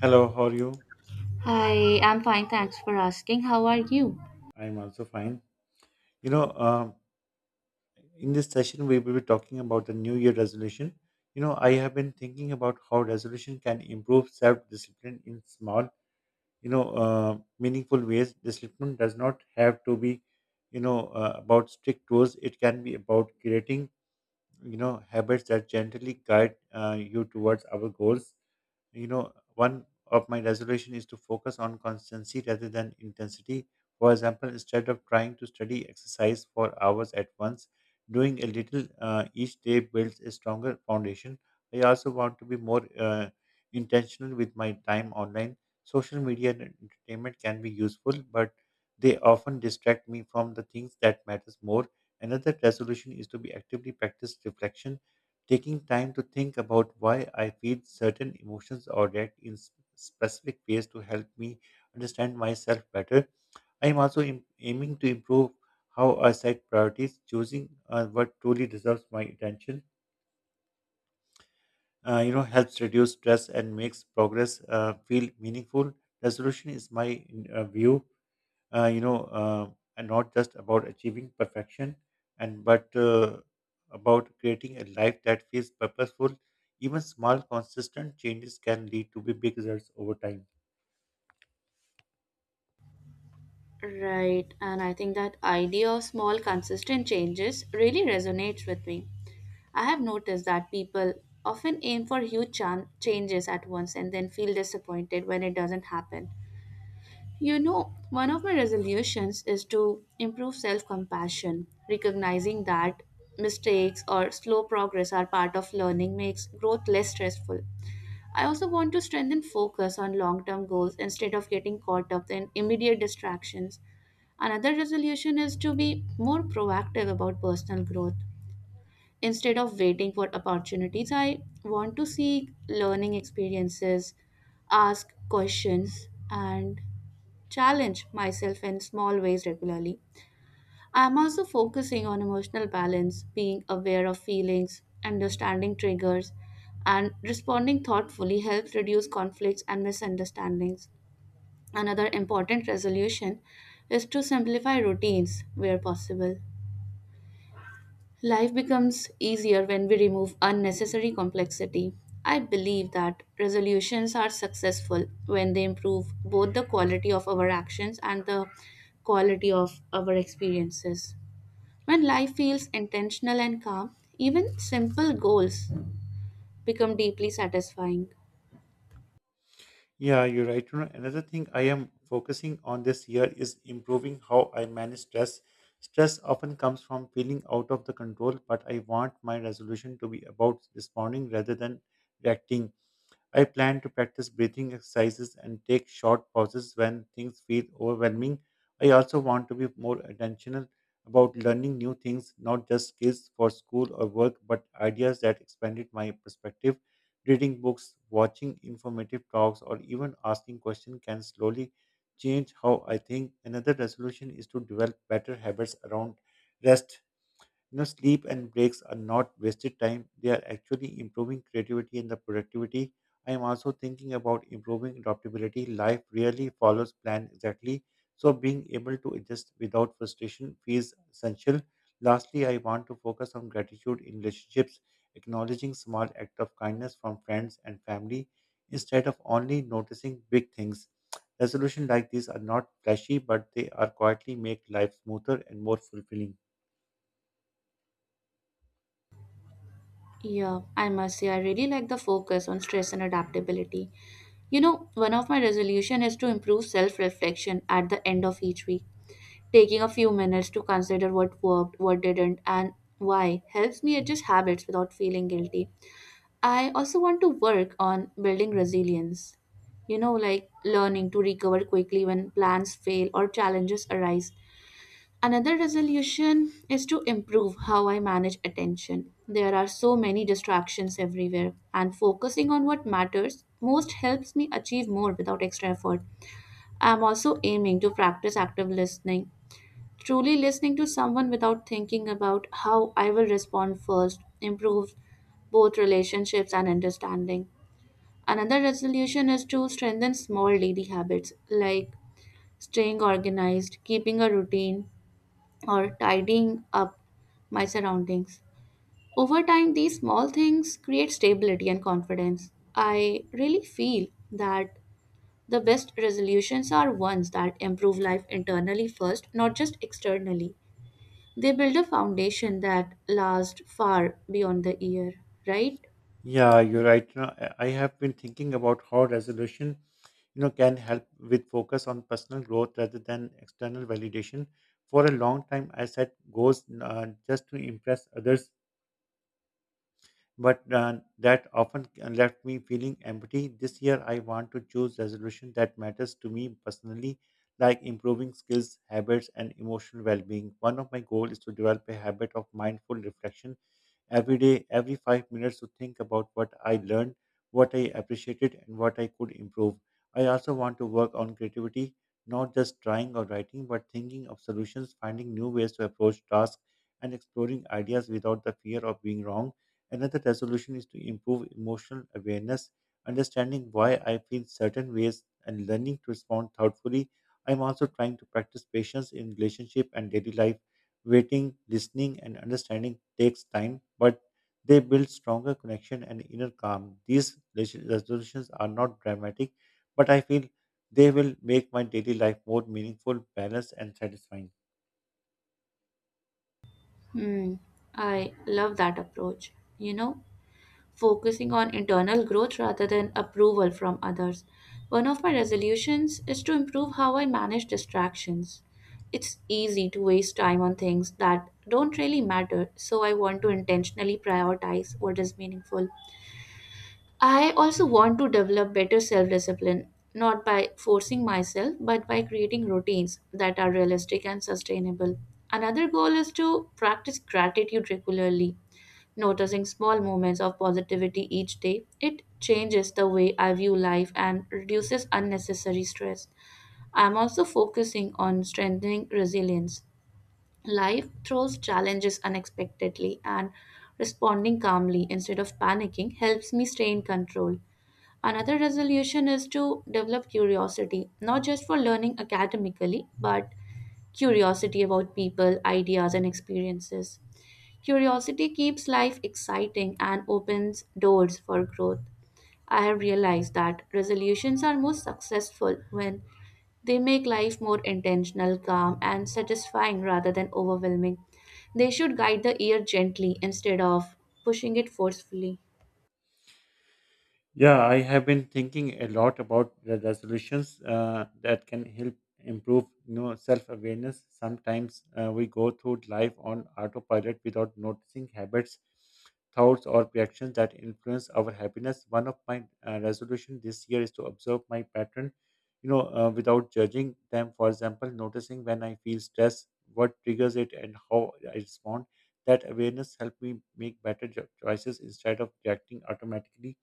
Hello, how are you? Hi, I'm fine. Thanks for asking. How are you? I'm also fine. You know, um, in this session, we will be talking about the New Year resolution. I have been thinking about how resolution can improve self discipline in small, meaningful ways. Discipline does not have to be about strict rules. It can be about creating habits that gently guide you towards our goals. One of my resolution is to focus on constancy rather than intensity. For example, instead of trying to study exercise for hours at once, doing a little each day builds a stronger foundation. I also want to be more intentional with my time online. Social media and entertainment can be useful, but they often distract me from the things that matters more. Another resolution is to be actively practice reflection. Taking time to think about why I feel certain emotions or react in specific ways to help me understand myself better. I am also aiming to improve how I set priorities, choosing what truly deserves my attention. Helps reduce stress and makes progress feel meaningful. Resolution is my view uh, you know, uh, and not just about achieving perfection, and but about creating a life that feels purposeful. Even small, consistent changes can lead to be big results over time. Right, and I think that idea of small, consistent changes really resonates with me. I have noticed that people often aim for huge changes at once and then feel disappointed when it doesn't happen. You know, one of my resolutions is to improve self compassion, recognizing that mistakes or slow progress are part of learning makes growth less stressful. I also want to strengthen focus on long term goals instead of getting caught up in immediate distractions. Another resolution is to be more proactive about personal growth. Instead of waiting for opportunities, I want to seek learning experiences, ask questions, and challenge myself in small ways regularly. I'm also focusing on emotional balance, being aware of feelings, understanding triggers, and responding thoughtfully helps reduce conflicts and misunderstandings. Another important resolution is to simplify routines where possible. Life becomes easier when we remove unnecessary complexity. I believe that resolutions are successful when they improve both the quality of our actions and the quality of our experiences. When life feels intentional and calm, even simple goals become deeply satisfying. Yeah, you're right. Another thing I am focusing on this year is improving how I manage stress. Stress often comes from feeling out of the control, but I want my resolution to be about responding rather than reacting. I plan to practice breathing exercises and take short pauses when things feel overwhelming. I also want to be more intentional about learning new things, not just skills for school or work, but ideas that expanded my perspective. Reading books, watching informative talks, or even asking questions can slowly change how I think. Another resolution is to develop better habits around rest. Sleep and breaks are not wasted time. They are actually improving creativity and the productivity. I am also thinking about improving adaptability. Life rarely follows plan exactly, so being able to adjust without frustration feels essential. Lastly, I want to focus on gratitude in relationships, acknowledging small acts of kindness from friends and family instead of only noticing big things. Resolutions like these are not flashy, but they are quietly make life smoother and more fulfilling. Yeah, I must say, I really like the focus on stress and adaptability. You know, one of my resolution is to improve self-reflection at the end of each week. Taking a few minutes to consider what worked, what didn't, and why helps me adjust habits without feeling guilty. I also want to work on building resilience. You know, like learning to recover quickly when plans fail or challenges arise. Another resolution is to improve how I manage attention. There are so many distractions everywhere, and focusing on what matters most helps me achieve more without extra effort. I am also aiming to practice active listening, truly listening to someone without thinking about how I will respond first, improves both relationships and understanding. Another resolution is to strengthen small daily habits like staying organized, keeping a routine, or tidying up my surroundings. Over time, these small things create stability and confidence. I really feel that the best resolutions are ones that improve life internally first, not just externally. They build a foundation that lasts far beyond the year, right? Yeah, you're right. I have been thinking about how resolution, can help with focus on personal growth rather than external validation. For a long time, I set goals just to impress others, but that often left me feeling empty. This year, I want to choose resolution that matters to me personally, like improving skills, habits, and emotional well-being. One of my goals is to develop a habit of mindful reflection every day, every 5 minutes to think about what I learned, what I appreciated, and what I could improve. I also want to work on creativity, not just drawing or writing, but thinking of solutions, finding new ways to approach tasks, and exploring ideas without the fear of being wrong. Another resolution is to improve emotional awareness, understanding why I feel certain ways, and learning to respond thoughtfully. I'm also trying to practice patience in relationship and daily life. Waiting, listening, and understanding takes time, but they build stronger connection and inner calm. These resolutions are not dramatic, but I feel they will make my daily life more meaningful, balanced, and satisfying. Hmm, I love that approach. You know, focusing on internal growth rather than approval from others. One of my resolutions is to improve how I manage distractions. It's easy to waste time on things that don't really matter, so I want to intentionally prioritize what is meaningful. I also want to develop better self discipline, not by forcing myself, but by creating routines that are realistic and sustainable. Another goal is to practice gratitude regularly. Noticing small moments of positivity each day, it changes the way I view life and reduces unnecessary stress. I'm also focusing on strengthening resilience. Life throws challenges unexpectedly, and responding calmly instead of panicking helps me stay in control. Another resolution is to develop curiosity, not just for learning academically, but curiosity about people, ideas, and experiences. Curiosity keeps life exciting and opens doors for growth. I have realized that resolutions are most successful when they make life more intentional, calm, and satisfying rather than overwhelming. They should guide the ear gently instead of pushing it forcefully. Yeah, I have been thinking a lot about the resolutions that can help improve, self-awareness. Sometimes we go through life on autopilot without noticing habits, thoughts, or reactions that influence our happiness. One of my resolution this year is to observe my pattern, without judging them. For example, noticing when I feel stress, what triggers it, and how I respond. That awareness helped me make better choices instead of reacting automatically.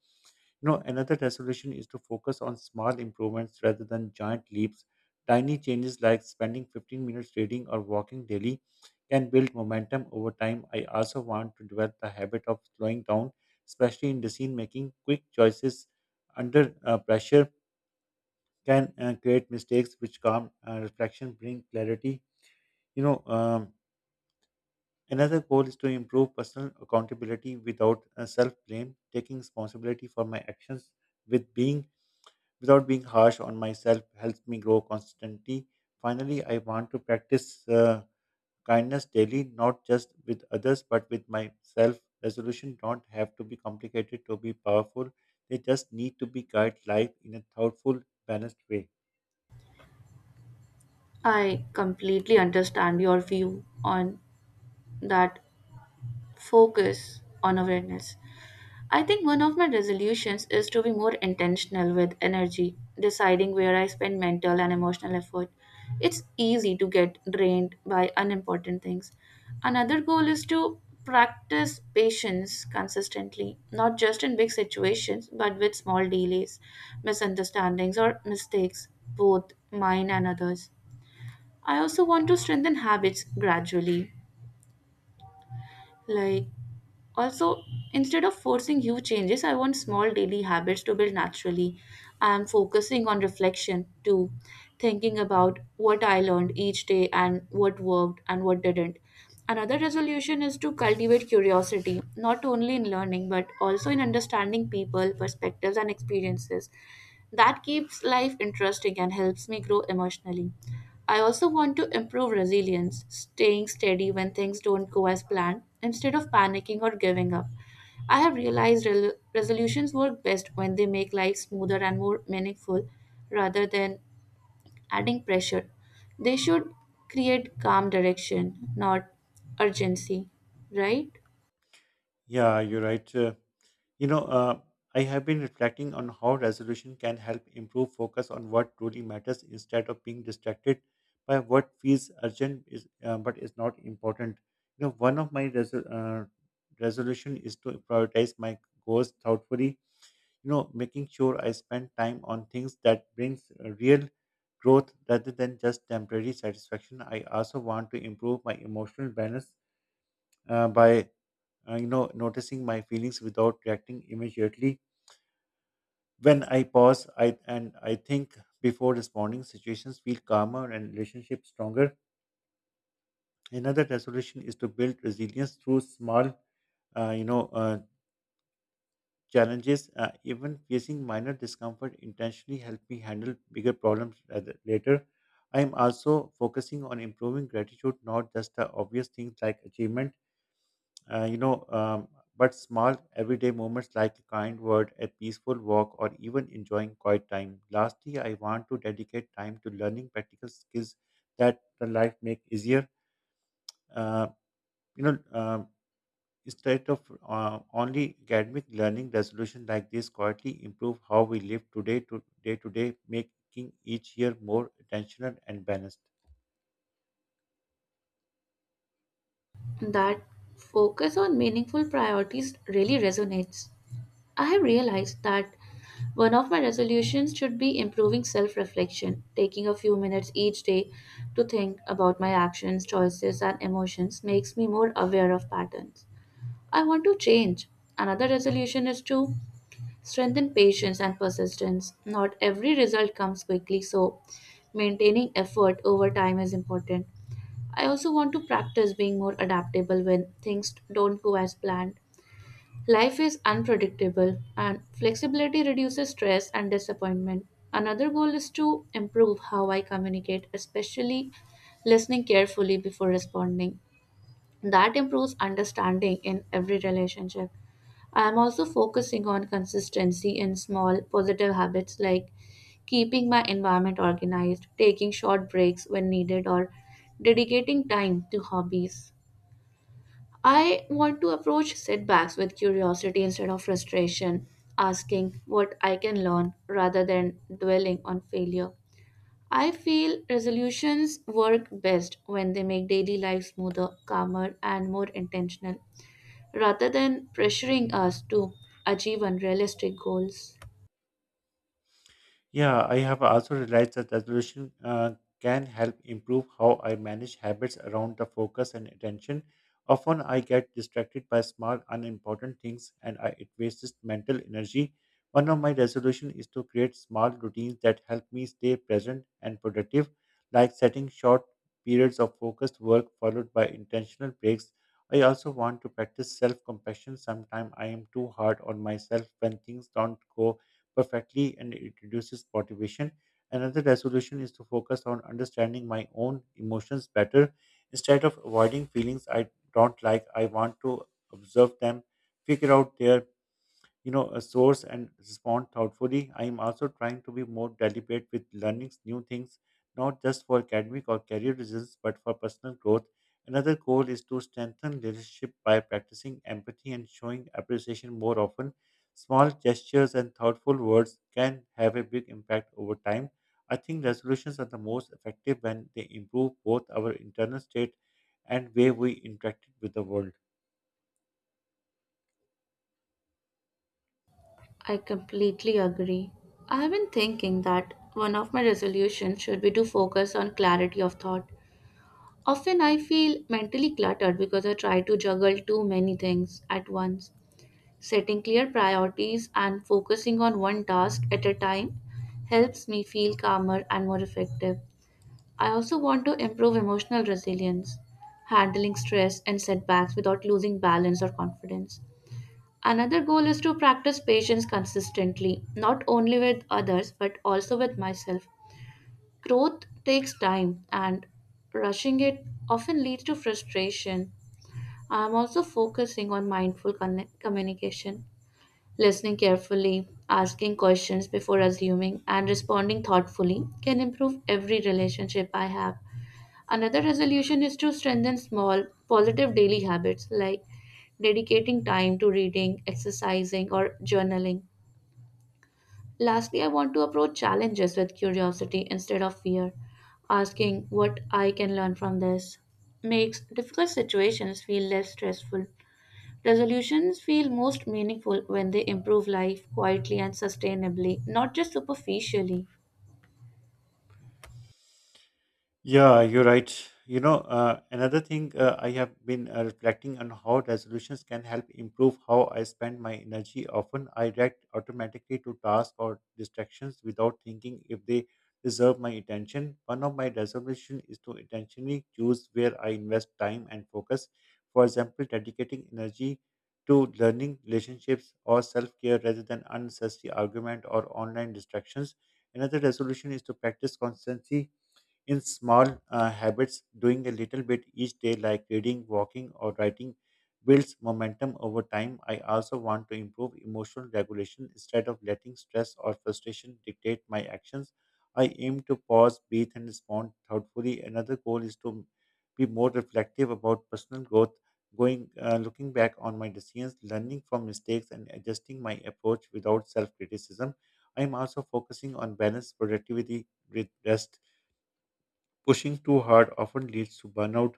Another resolution is to focus on small improvements rather than giant leaps. Tiny changes like spending 15 minutes reading or walking daily can build momentum over time. I also want to develop the habit of slowing down, especially in decision making. Quick choices under pressure can create mistakes, which calm reflection bring clarity. You know, um, Another goal is to improve personal accountability without self blame, taking responsibility for my actions with being without being harsh on myself helps me grow constantly. Finally, I want to practice kindness daily, not just with others, but with myself. Resolution don't have to be complicated to be powerful. They just need to be guide life in a thoughtful, balanced way. I completely understand your view on that focus on awareness. I think one of my resolutions is to be more intentional with energy, deciding where I spend mental and emotional effort. It's easy to get drained by unimportant things. Another goal is to practice patience consistently, not just in big situations, but with small delays, misunderstandings, or mistakes, both mine and others. I also want to strengthen habits gradually, like also, instead of forcing huge changes, I want small daily habits to build naturally. I am focusing on reflection too, thinking about what I learned each day and what worked and what didn't. Another resolution is to cultivate curiosity, not only in learning but also in understanding people, perspectives, and experiences. That keeps life interesting and helps me grow emotionally. I also want to improve resilience, staying steady when things don't go as planned instead of panicking or giving up. I have realized resolutions work best when they make life smoother and more meaningful rather than adding pressure. They should create calm direction, not urgency, right? Yeah, you're right. You know, uh, I have been reflecting on how resolution can help improve focus on what truly matters instead of being distracted by what feels urgent is but is not important. One of my resolution is to prioritize my goals thoughtfully. Making sure I spend time on things that brings real growth rather than just temporary satisfaction. I also want to improve my emotional balance by noticing my feelings without reacting immediately. When I pause I and I think before responding, situations feel calmer and relationships stronger. Another resolution is to build resilience through small uh, you know uh, challenges, even facing minor discomfort intentionally help me handle bigger problems later. I am also focusing on improving gratitude, not just the obvious things like achievement, uh, you know, um, but small everyday moments like a kind word, a peaceful walk, or even enjoying quiet time. Lastly, I want to dedicate time to learning practical skills that the life make easier. Uh, you know, um, Instead of only academic learning, resolution like this quietly improve how we live today to day, making each year more intentional and balanced. That focus on meaningful priorities really resonates. I have realized that one of my resolutions should be improving self reflection, taking a few minutes each day to think about my actions, choices, and emotions makes me more aware of patterns I want to change. Another resolution is to strengthen patience and persistence. Not every result comes quickly, so maintaining effort over time is important. I also want to practice being more adaptable when things don't go as planned. Life is unpredictable, and flexibility reduces stress and disappointment. Another goal is to improve how I communicate, especially listening carefully before responding. That improves understanding in every relationship. I am also focusing on consistency in small positive habits like keeping my environment organized, taking short breaks when needed, or dedicating time to hobbies. I want to approach setbacks with curiosity instead of frustration, asking what I can learn rather than dwelling on failure. I feel resolutions work best when they make daily life smoother, calmer, and more intentional, rather than pressuring us to achieve unrealistic goals. Yeah, I have also realized that resolution can help improve how I manage habits around the focus and attention. Often I get distracted by small, unimportant things and it wastes mental energy. One of my resolutions is to create small routines that help me stay present and productive, like setting short periods of focused work followed by intentional breaks. I also want to practice self compassion. Sometimes I am too hard on myself when things don't go perfectly, and it reduces motivation. Another resolution is to focus on understanding my own emotions better. Instead of avoiding feelings I don't like, I want to observe them, figure out their a source and respond thoughtfully. I am also trying to be more deliberate with learning new things, not just for academic or career reasons, but for personal growth. Another goal is to strengthen leadership by practicing empathy and showing appreciation more often. Small gestures and thoughtful words can have a big impact over time. I think resolutions are the most effective when they improve both our internal state and way we interact with the world. I completely agree. I have been thinking that one of my resolutions should be to focus on clarity of thought. Often I feel mentally cluttered because I try to juggle too many things at once. Setting clear priorities and focusing on one task at a time helps me feel calmer and more effective. I also want to improve emotional resilience, handling stress and setbacks without losing balance or confidence. Another goal is to practice patience consistently, not only with others but also with myself. Growth takes time, and rushing it often leads to frustration. I am also focusing on mindful communication, listening carefully, asking questions before assuming, and responding thoughtfully can improve every relationship I have. Another resolution is to strengthen small, positive daily habits like dedicating time to reading, exercising, or journaling. Lastly, I want to approach challenges with curiosity instead of fear, asking what I can learn from this. Makes difficult situations feel less stressful. Resolutions feel most meaningful when they improve life quietly and sustainably, not just superficially. Yeah, you're right. Another thing I have been reflecting on how resolutions can help improve how I spend my energy. Often I react automatically to tasks or distractions without thinking if they deserve my attention. One of my resolutions is to intentionally choose where I invest time and focus. For example, dedicating energy to learning, relationships, or self care rather than unnecessary argument or online distractions. Another resolution is to practice constancy in small habits, doing a little bit each day, like reading, walking, or writing, builds momentum over time. I also want to improve emotional regulation instead of letting stress or frustration dictate my actions. I aim to pause, breathe, and respond thoughtfully. Another goal is to be more reflective about personal growth, looking back on my decisions, learning from mistakes, and adjusting my approach without self criticism. I am also focusing on balance, productivity with rest. Pushing too hard often leads to burnout,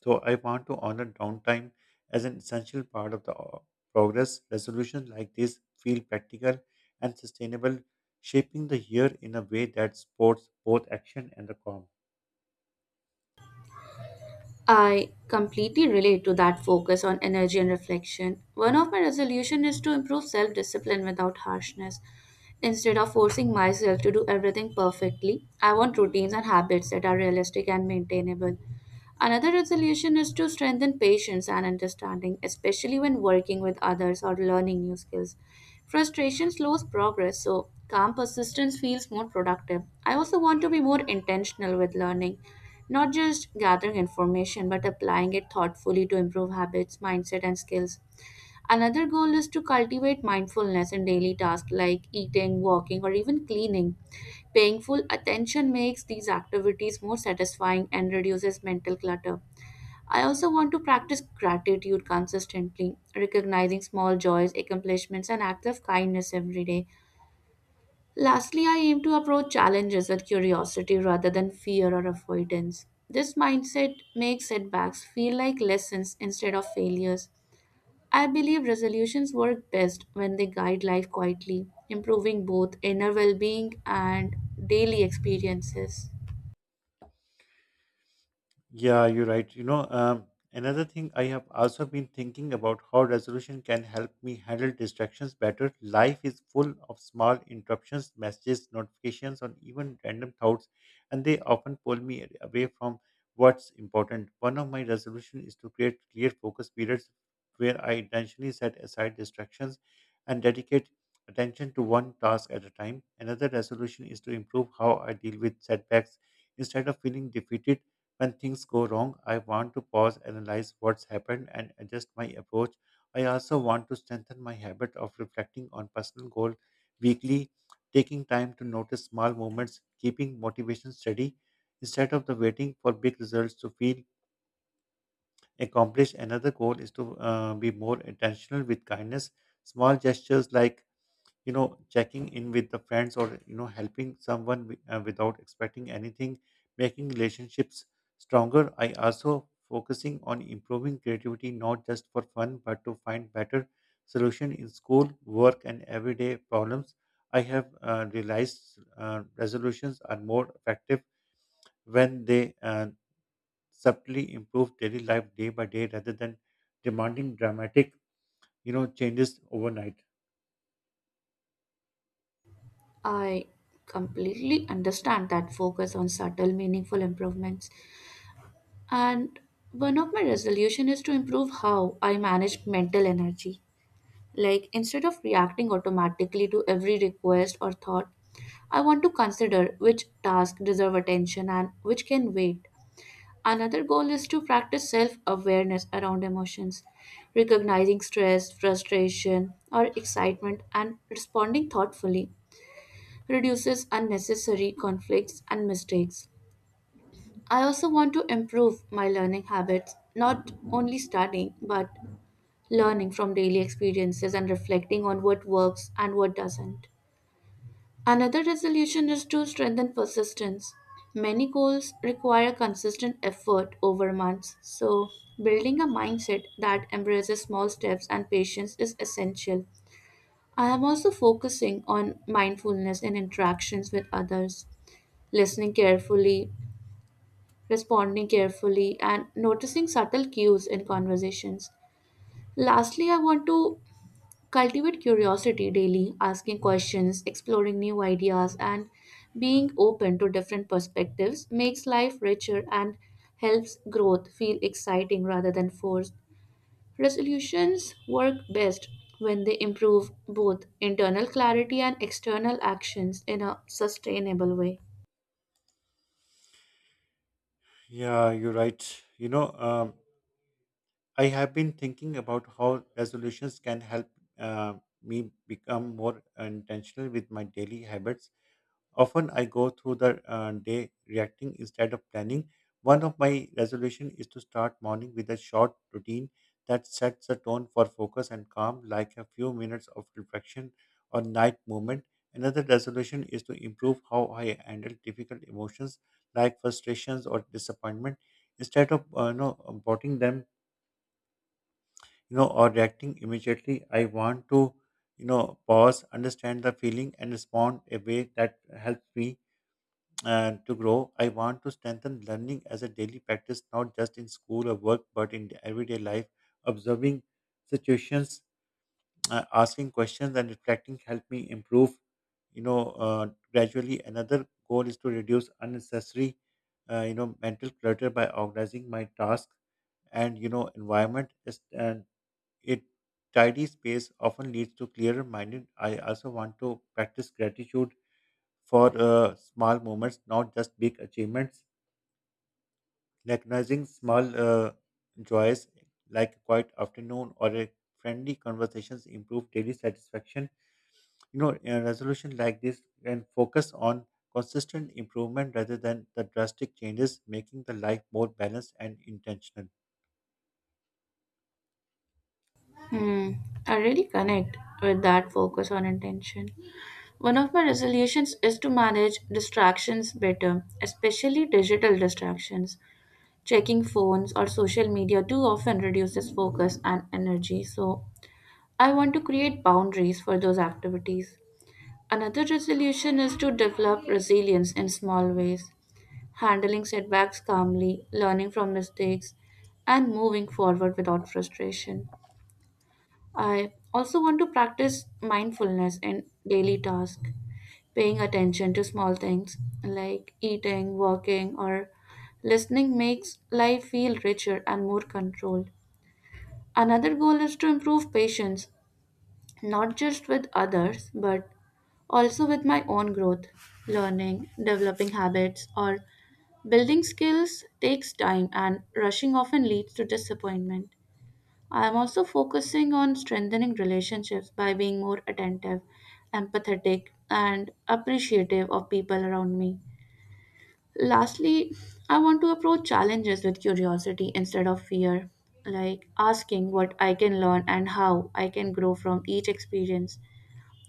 so I want to honor downtime as an essential part of the progress. Resolutions like this feel practical and sustainable, shaping the year in a way that supports both action and the calm. I completely relate to that focus on energy and reflection. One of my resolutions is to improve self discipline without harshness. Instead of forcing myself to do everything perfectly, I want routines and habits that are realistic and maintainable. Another resolution is to strengthen patience and understanding, especially when working with others or learning new skills. Frustration slows progress, so calm persistence feels more productive. I also want to be more intentional with learning, not just gathering information, but applying it thoughtfully to improve habits, mindset, and skills. Another goal is to cultivate mindfulness in daily tasks like eating, walking, or even cleaning. Paying full attention makes these activities more satisfying and reduces mental clutter. I also want to practice gratitude consistently, recognizing small joys, accomplishments, and acts of kindness every day. Lastly, I aim to approach challenges with curiosity rather than fear or avoidance. This mindset makes setbacks feel like lessons instead of failures. I believe resolutions work best when they guide life quietly, improving both inner well being and daily experiences. Yeah, you're right. Another thing I have also been thinking about how resolution can help me handle distractions better. Life is full of small interruptions, messages, notifications, and even random thoughts, and they often pull me away from what's important. One of my resolutions is to create clear focus periods where I intentionally set aside distractions and dedicate attention to one task at a time. Another resolution is to improve how I deal with setbacks instead of feeling defeated. When things go wrong, I want to pause, analyze what's happened, and adjust my approach. I also want to strengthen my habit of reflecting on personal goal weekly, taking time to notice small movements, keeping motivation steady instead of the waiting for big results to feel accomplished. Another goal is to be more intentional with kindness. Small gestures like checking in with the friends or helping someone without expecting anything, making relationships stronger. I also focusing on improving creativity, not just for fun but to find better solution in school work and everyday problems. I have realized resolutions are more effective when they subtly improve daily life day by day rather than demanding dramatic changes overnight. I completely understand that focus on subtle, meaningful improvements. And one of my resolution is to improve how I manage mental energy. Like, instead of reacting automatically to every request or thought, I want to consider which tasks deserve attention and which can wait. Another goal is to practice self awareness around emotions, recognizing stress, frustration, or excitement and responding thoughtfully reduces unnecessary conflicts and mistakes. I also want to improve my learning habits, not only studying, but learning from daily experiences and reflecting on what works and what doesn't. Another resolution is to strengthen persistence. Many goals require consistent effort over months, so building a mindset that embraces small steps and patience is essential. I am also focusing on mindfulness in interactions with others, listening carefully, responding carefully, and noticing subtle cues in conversations. Lastly, I want to cultivate curiosity daily, asking questions, exploring new ideas, and being open to different perspectives makes life richer and helps growth feel exciting rather than forced. Resolutions work best when they improve both internal clarity and external actions in a sustainable way. Yeah, you're right. I have been thinking about how resolutions can help uh, me become more intentional with my daily habits. Often I go through the day reacting instead of planning. One of my resolution is to start morning with a short routine that sets the tone for focus and calm, like a few minutes of reflection or night movement. Another resolution is to improve how I handle difficult emotions like frustrations or disappointment instead of bottling them, or reacting immediately. I want to, pause, understand the feeling, and respond a way that helps me to grow. I want to strengthen learning as a daily practice, not just in school or work, but in the everyday life. Observing situations, asking questions, and reflecting help me improve. You know, uh, gradually. Another goal is to reduce unnecessary, mental clutter by organizing my tasks and environment is, and a tidy space often leads to clearer minded. I also want to practice gratitude for small moments, not just big achievements. Recognizing small joys like a quiet afternoon or a friendly conversations improve daily satisfaction. A resolution like this can focus on consistent improvement rather than the drastic changes, making the life more balanced and intentional. Hmm, I really connect with that focus on intention. One of my resolutions is to manage distractions better, especially digital distractions. Checking phones or social media too often reduces focus and energy, so I want to create boundaries for those activities. Another resolution is to develop resilience in small ways, handling setbacks calmly, learning from mistakes, and moving forward without frustration. I also want to practice mindfulness in daily tasks, paying attention to small things like eating, walking, or listening makes life feel richer and more controlled. Another goal is to improve patience, not just with others, but also with my own growth. Learning, developing habits, or building skills takes time, and rushing often leads to disappointment. I am also focusing on strengthening relationships by being more attentive, empathetic, and appreciative of people around me. Lastly, I want to approach challenges with curiosity instead of fear, like asking what I can learn and how I can grow from each experience.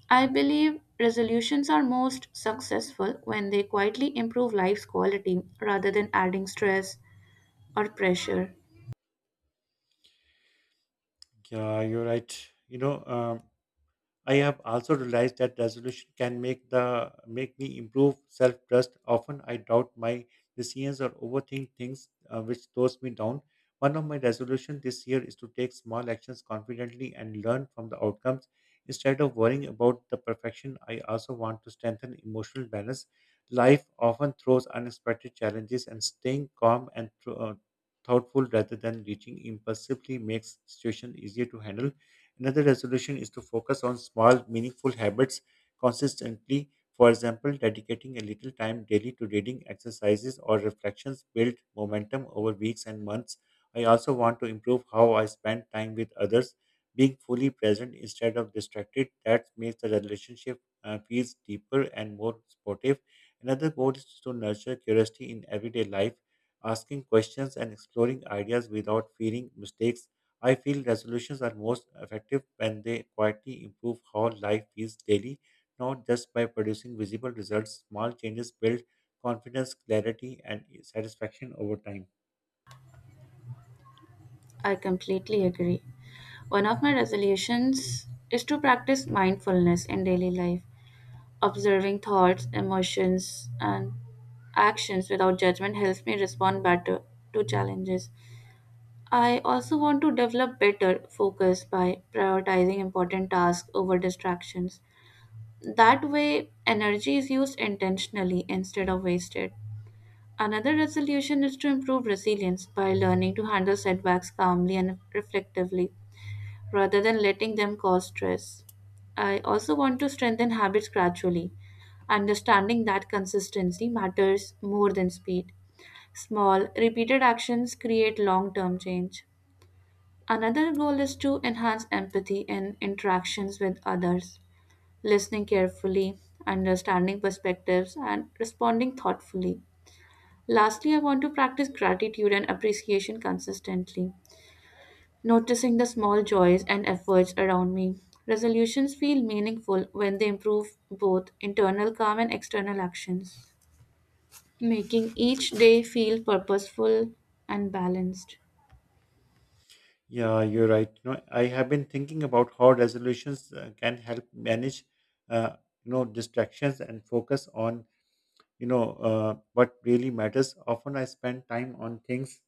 I believe resolutions are most successful when they quietly improve life's quality rather than adding stress or pressure. Yeah, you're right. You know, um, I have also realized that resolution can make the make me improve self trust. Often I doubt my decisions or overthink things which slows me down. One of my resolutions this year is to take small actions confidently and learn from the outcomes. Instead of worrying about the perfection, I also want to strengthen emotional balance. Life often throws unexpected challenges, and staying calm and thoughtful rather than reaching impulsively makes situation easier to handle. Another resolution is to focus on small, meaningful habits consistently. For example, dedicating a little time daily to reading exercises or reflections build momentum over weeks and months. I also want to improve how I spend time with others, being fully present instead of distracted. That makes the relationship feels deeper and more supportive. Another goal is to nurture curiosity in everyday life, asking questions and exploring ideas without fearing mistakes. I feel resolutions are most effective when they quietly improve how life feels daily, not just by producing visible results. Small changes build confidence, clarity, and satisfaction over time. I completely agree. One of my resolutions is to practice mindfulness in daily life. Observing thoughts, emotions, and actions without judgment helps me respond better to challenges. I also want to develop better focus by prioritizing important tasks over distractions. That way, energy is used intentionally instead of wasted. Another resolution is to improve resilience by learning to handle setbacks calmly and reflectively rather than letting them cause stress. I also want to strengthen habits gradually, understanding that consistency matters more than speed. Small, repeated actions create long term change. Another goal is to enhance empathy in interactions with others, listening carefully, understanding perspectives, and responding thoughtfully. Lastly, I want to practice gratitude and appreciation consistently, noticing the small joys and efforts around me. Resolutions feel meaningful when they improve both internal calm and external actions, making each day feel purposeful and balanced. Yeah, you're right. I have been thinking about how resolutions can help manage, uh, distractions and focus on, what really matters. Often I spend time on things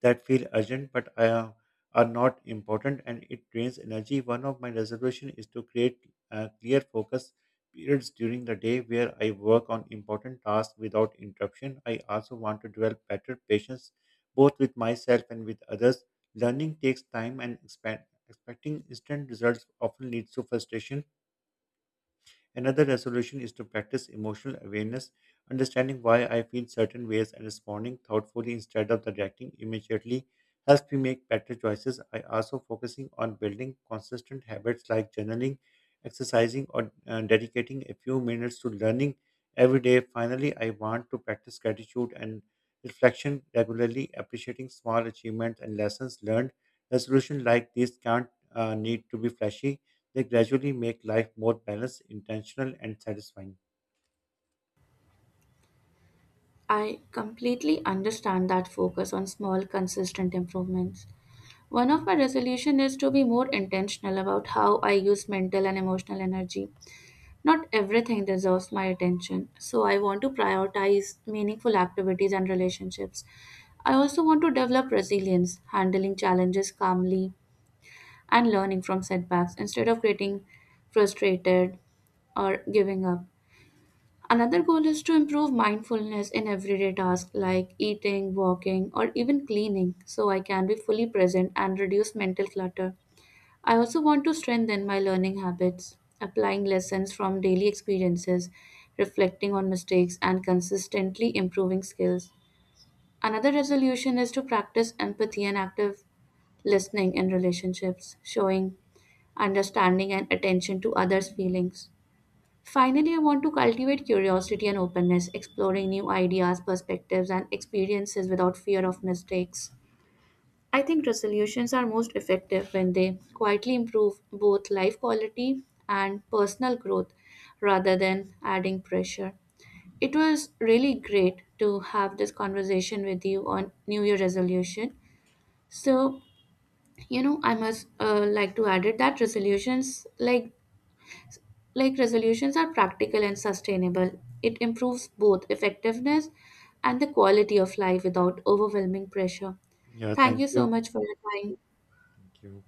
that feel urgent but are not important, and it drains energy. One of my resolutions is to create clear focus periods during the day where I work on important tasks without interruption. I also want to develop better patience, both with myself and with others. Learning takes time, and expecting instant results often leads to frustration. Another resolution is to practice emotional awareness, understanding why I feel certain ways and responding thoughtfully instead of reacting immediately helps me make better choices. I also focusing on building consistent habits like journaling, exercising, or dedicating a few minutes to learning every day. Finally, I want to practice gratitude and reflection regularly, appreciating small achievements and lessons learned. Resolutions like these can't need to be flashy, they gradually make life more balanced, intentional, and satisfying. I completely understand that focus on small, consistent improvements. One of my resolution is to be more intentional about how I use mental and emotional energy. Not everything deserves my attention, so I want to prioritize meaningful activities and relationships. I also want to develop resilience, handling challenges calmly, and learning from setbacks instead of getting frustrated or giving up. Another goal is to improve mindfulness in everyday tasks like eating, walking, or even cleaning so I can be fully present and reduce mental clutter. I also want to strengthen my learning habits, applying lessons from daily experiences, reflecting on mistakes, and consistently improving skills. Another resolution is to practice empathy and active listening in relationships, showing understanding and attention to others' feelings. Finally, I want to cultivate curiosity and openness, exploring new ideas, perspectives, and experiences without fear of mistakes. I think resolutions are most effective when they quietly improve both life quality and personal growth rather than adding pressure. It was really great to have this conversation with you on New Year resolution. So, you know, I must like to add it that resolutions like resolutions are practical and sustainable. It improves both effectiveness and the quality of life without overwhelming pressure. Yeah, Thank thank you so you. much for your time. Thank you.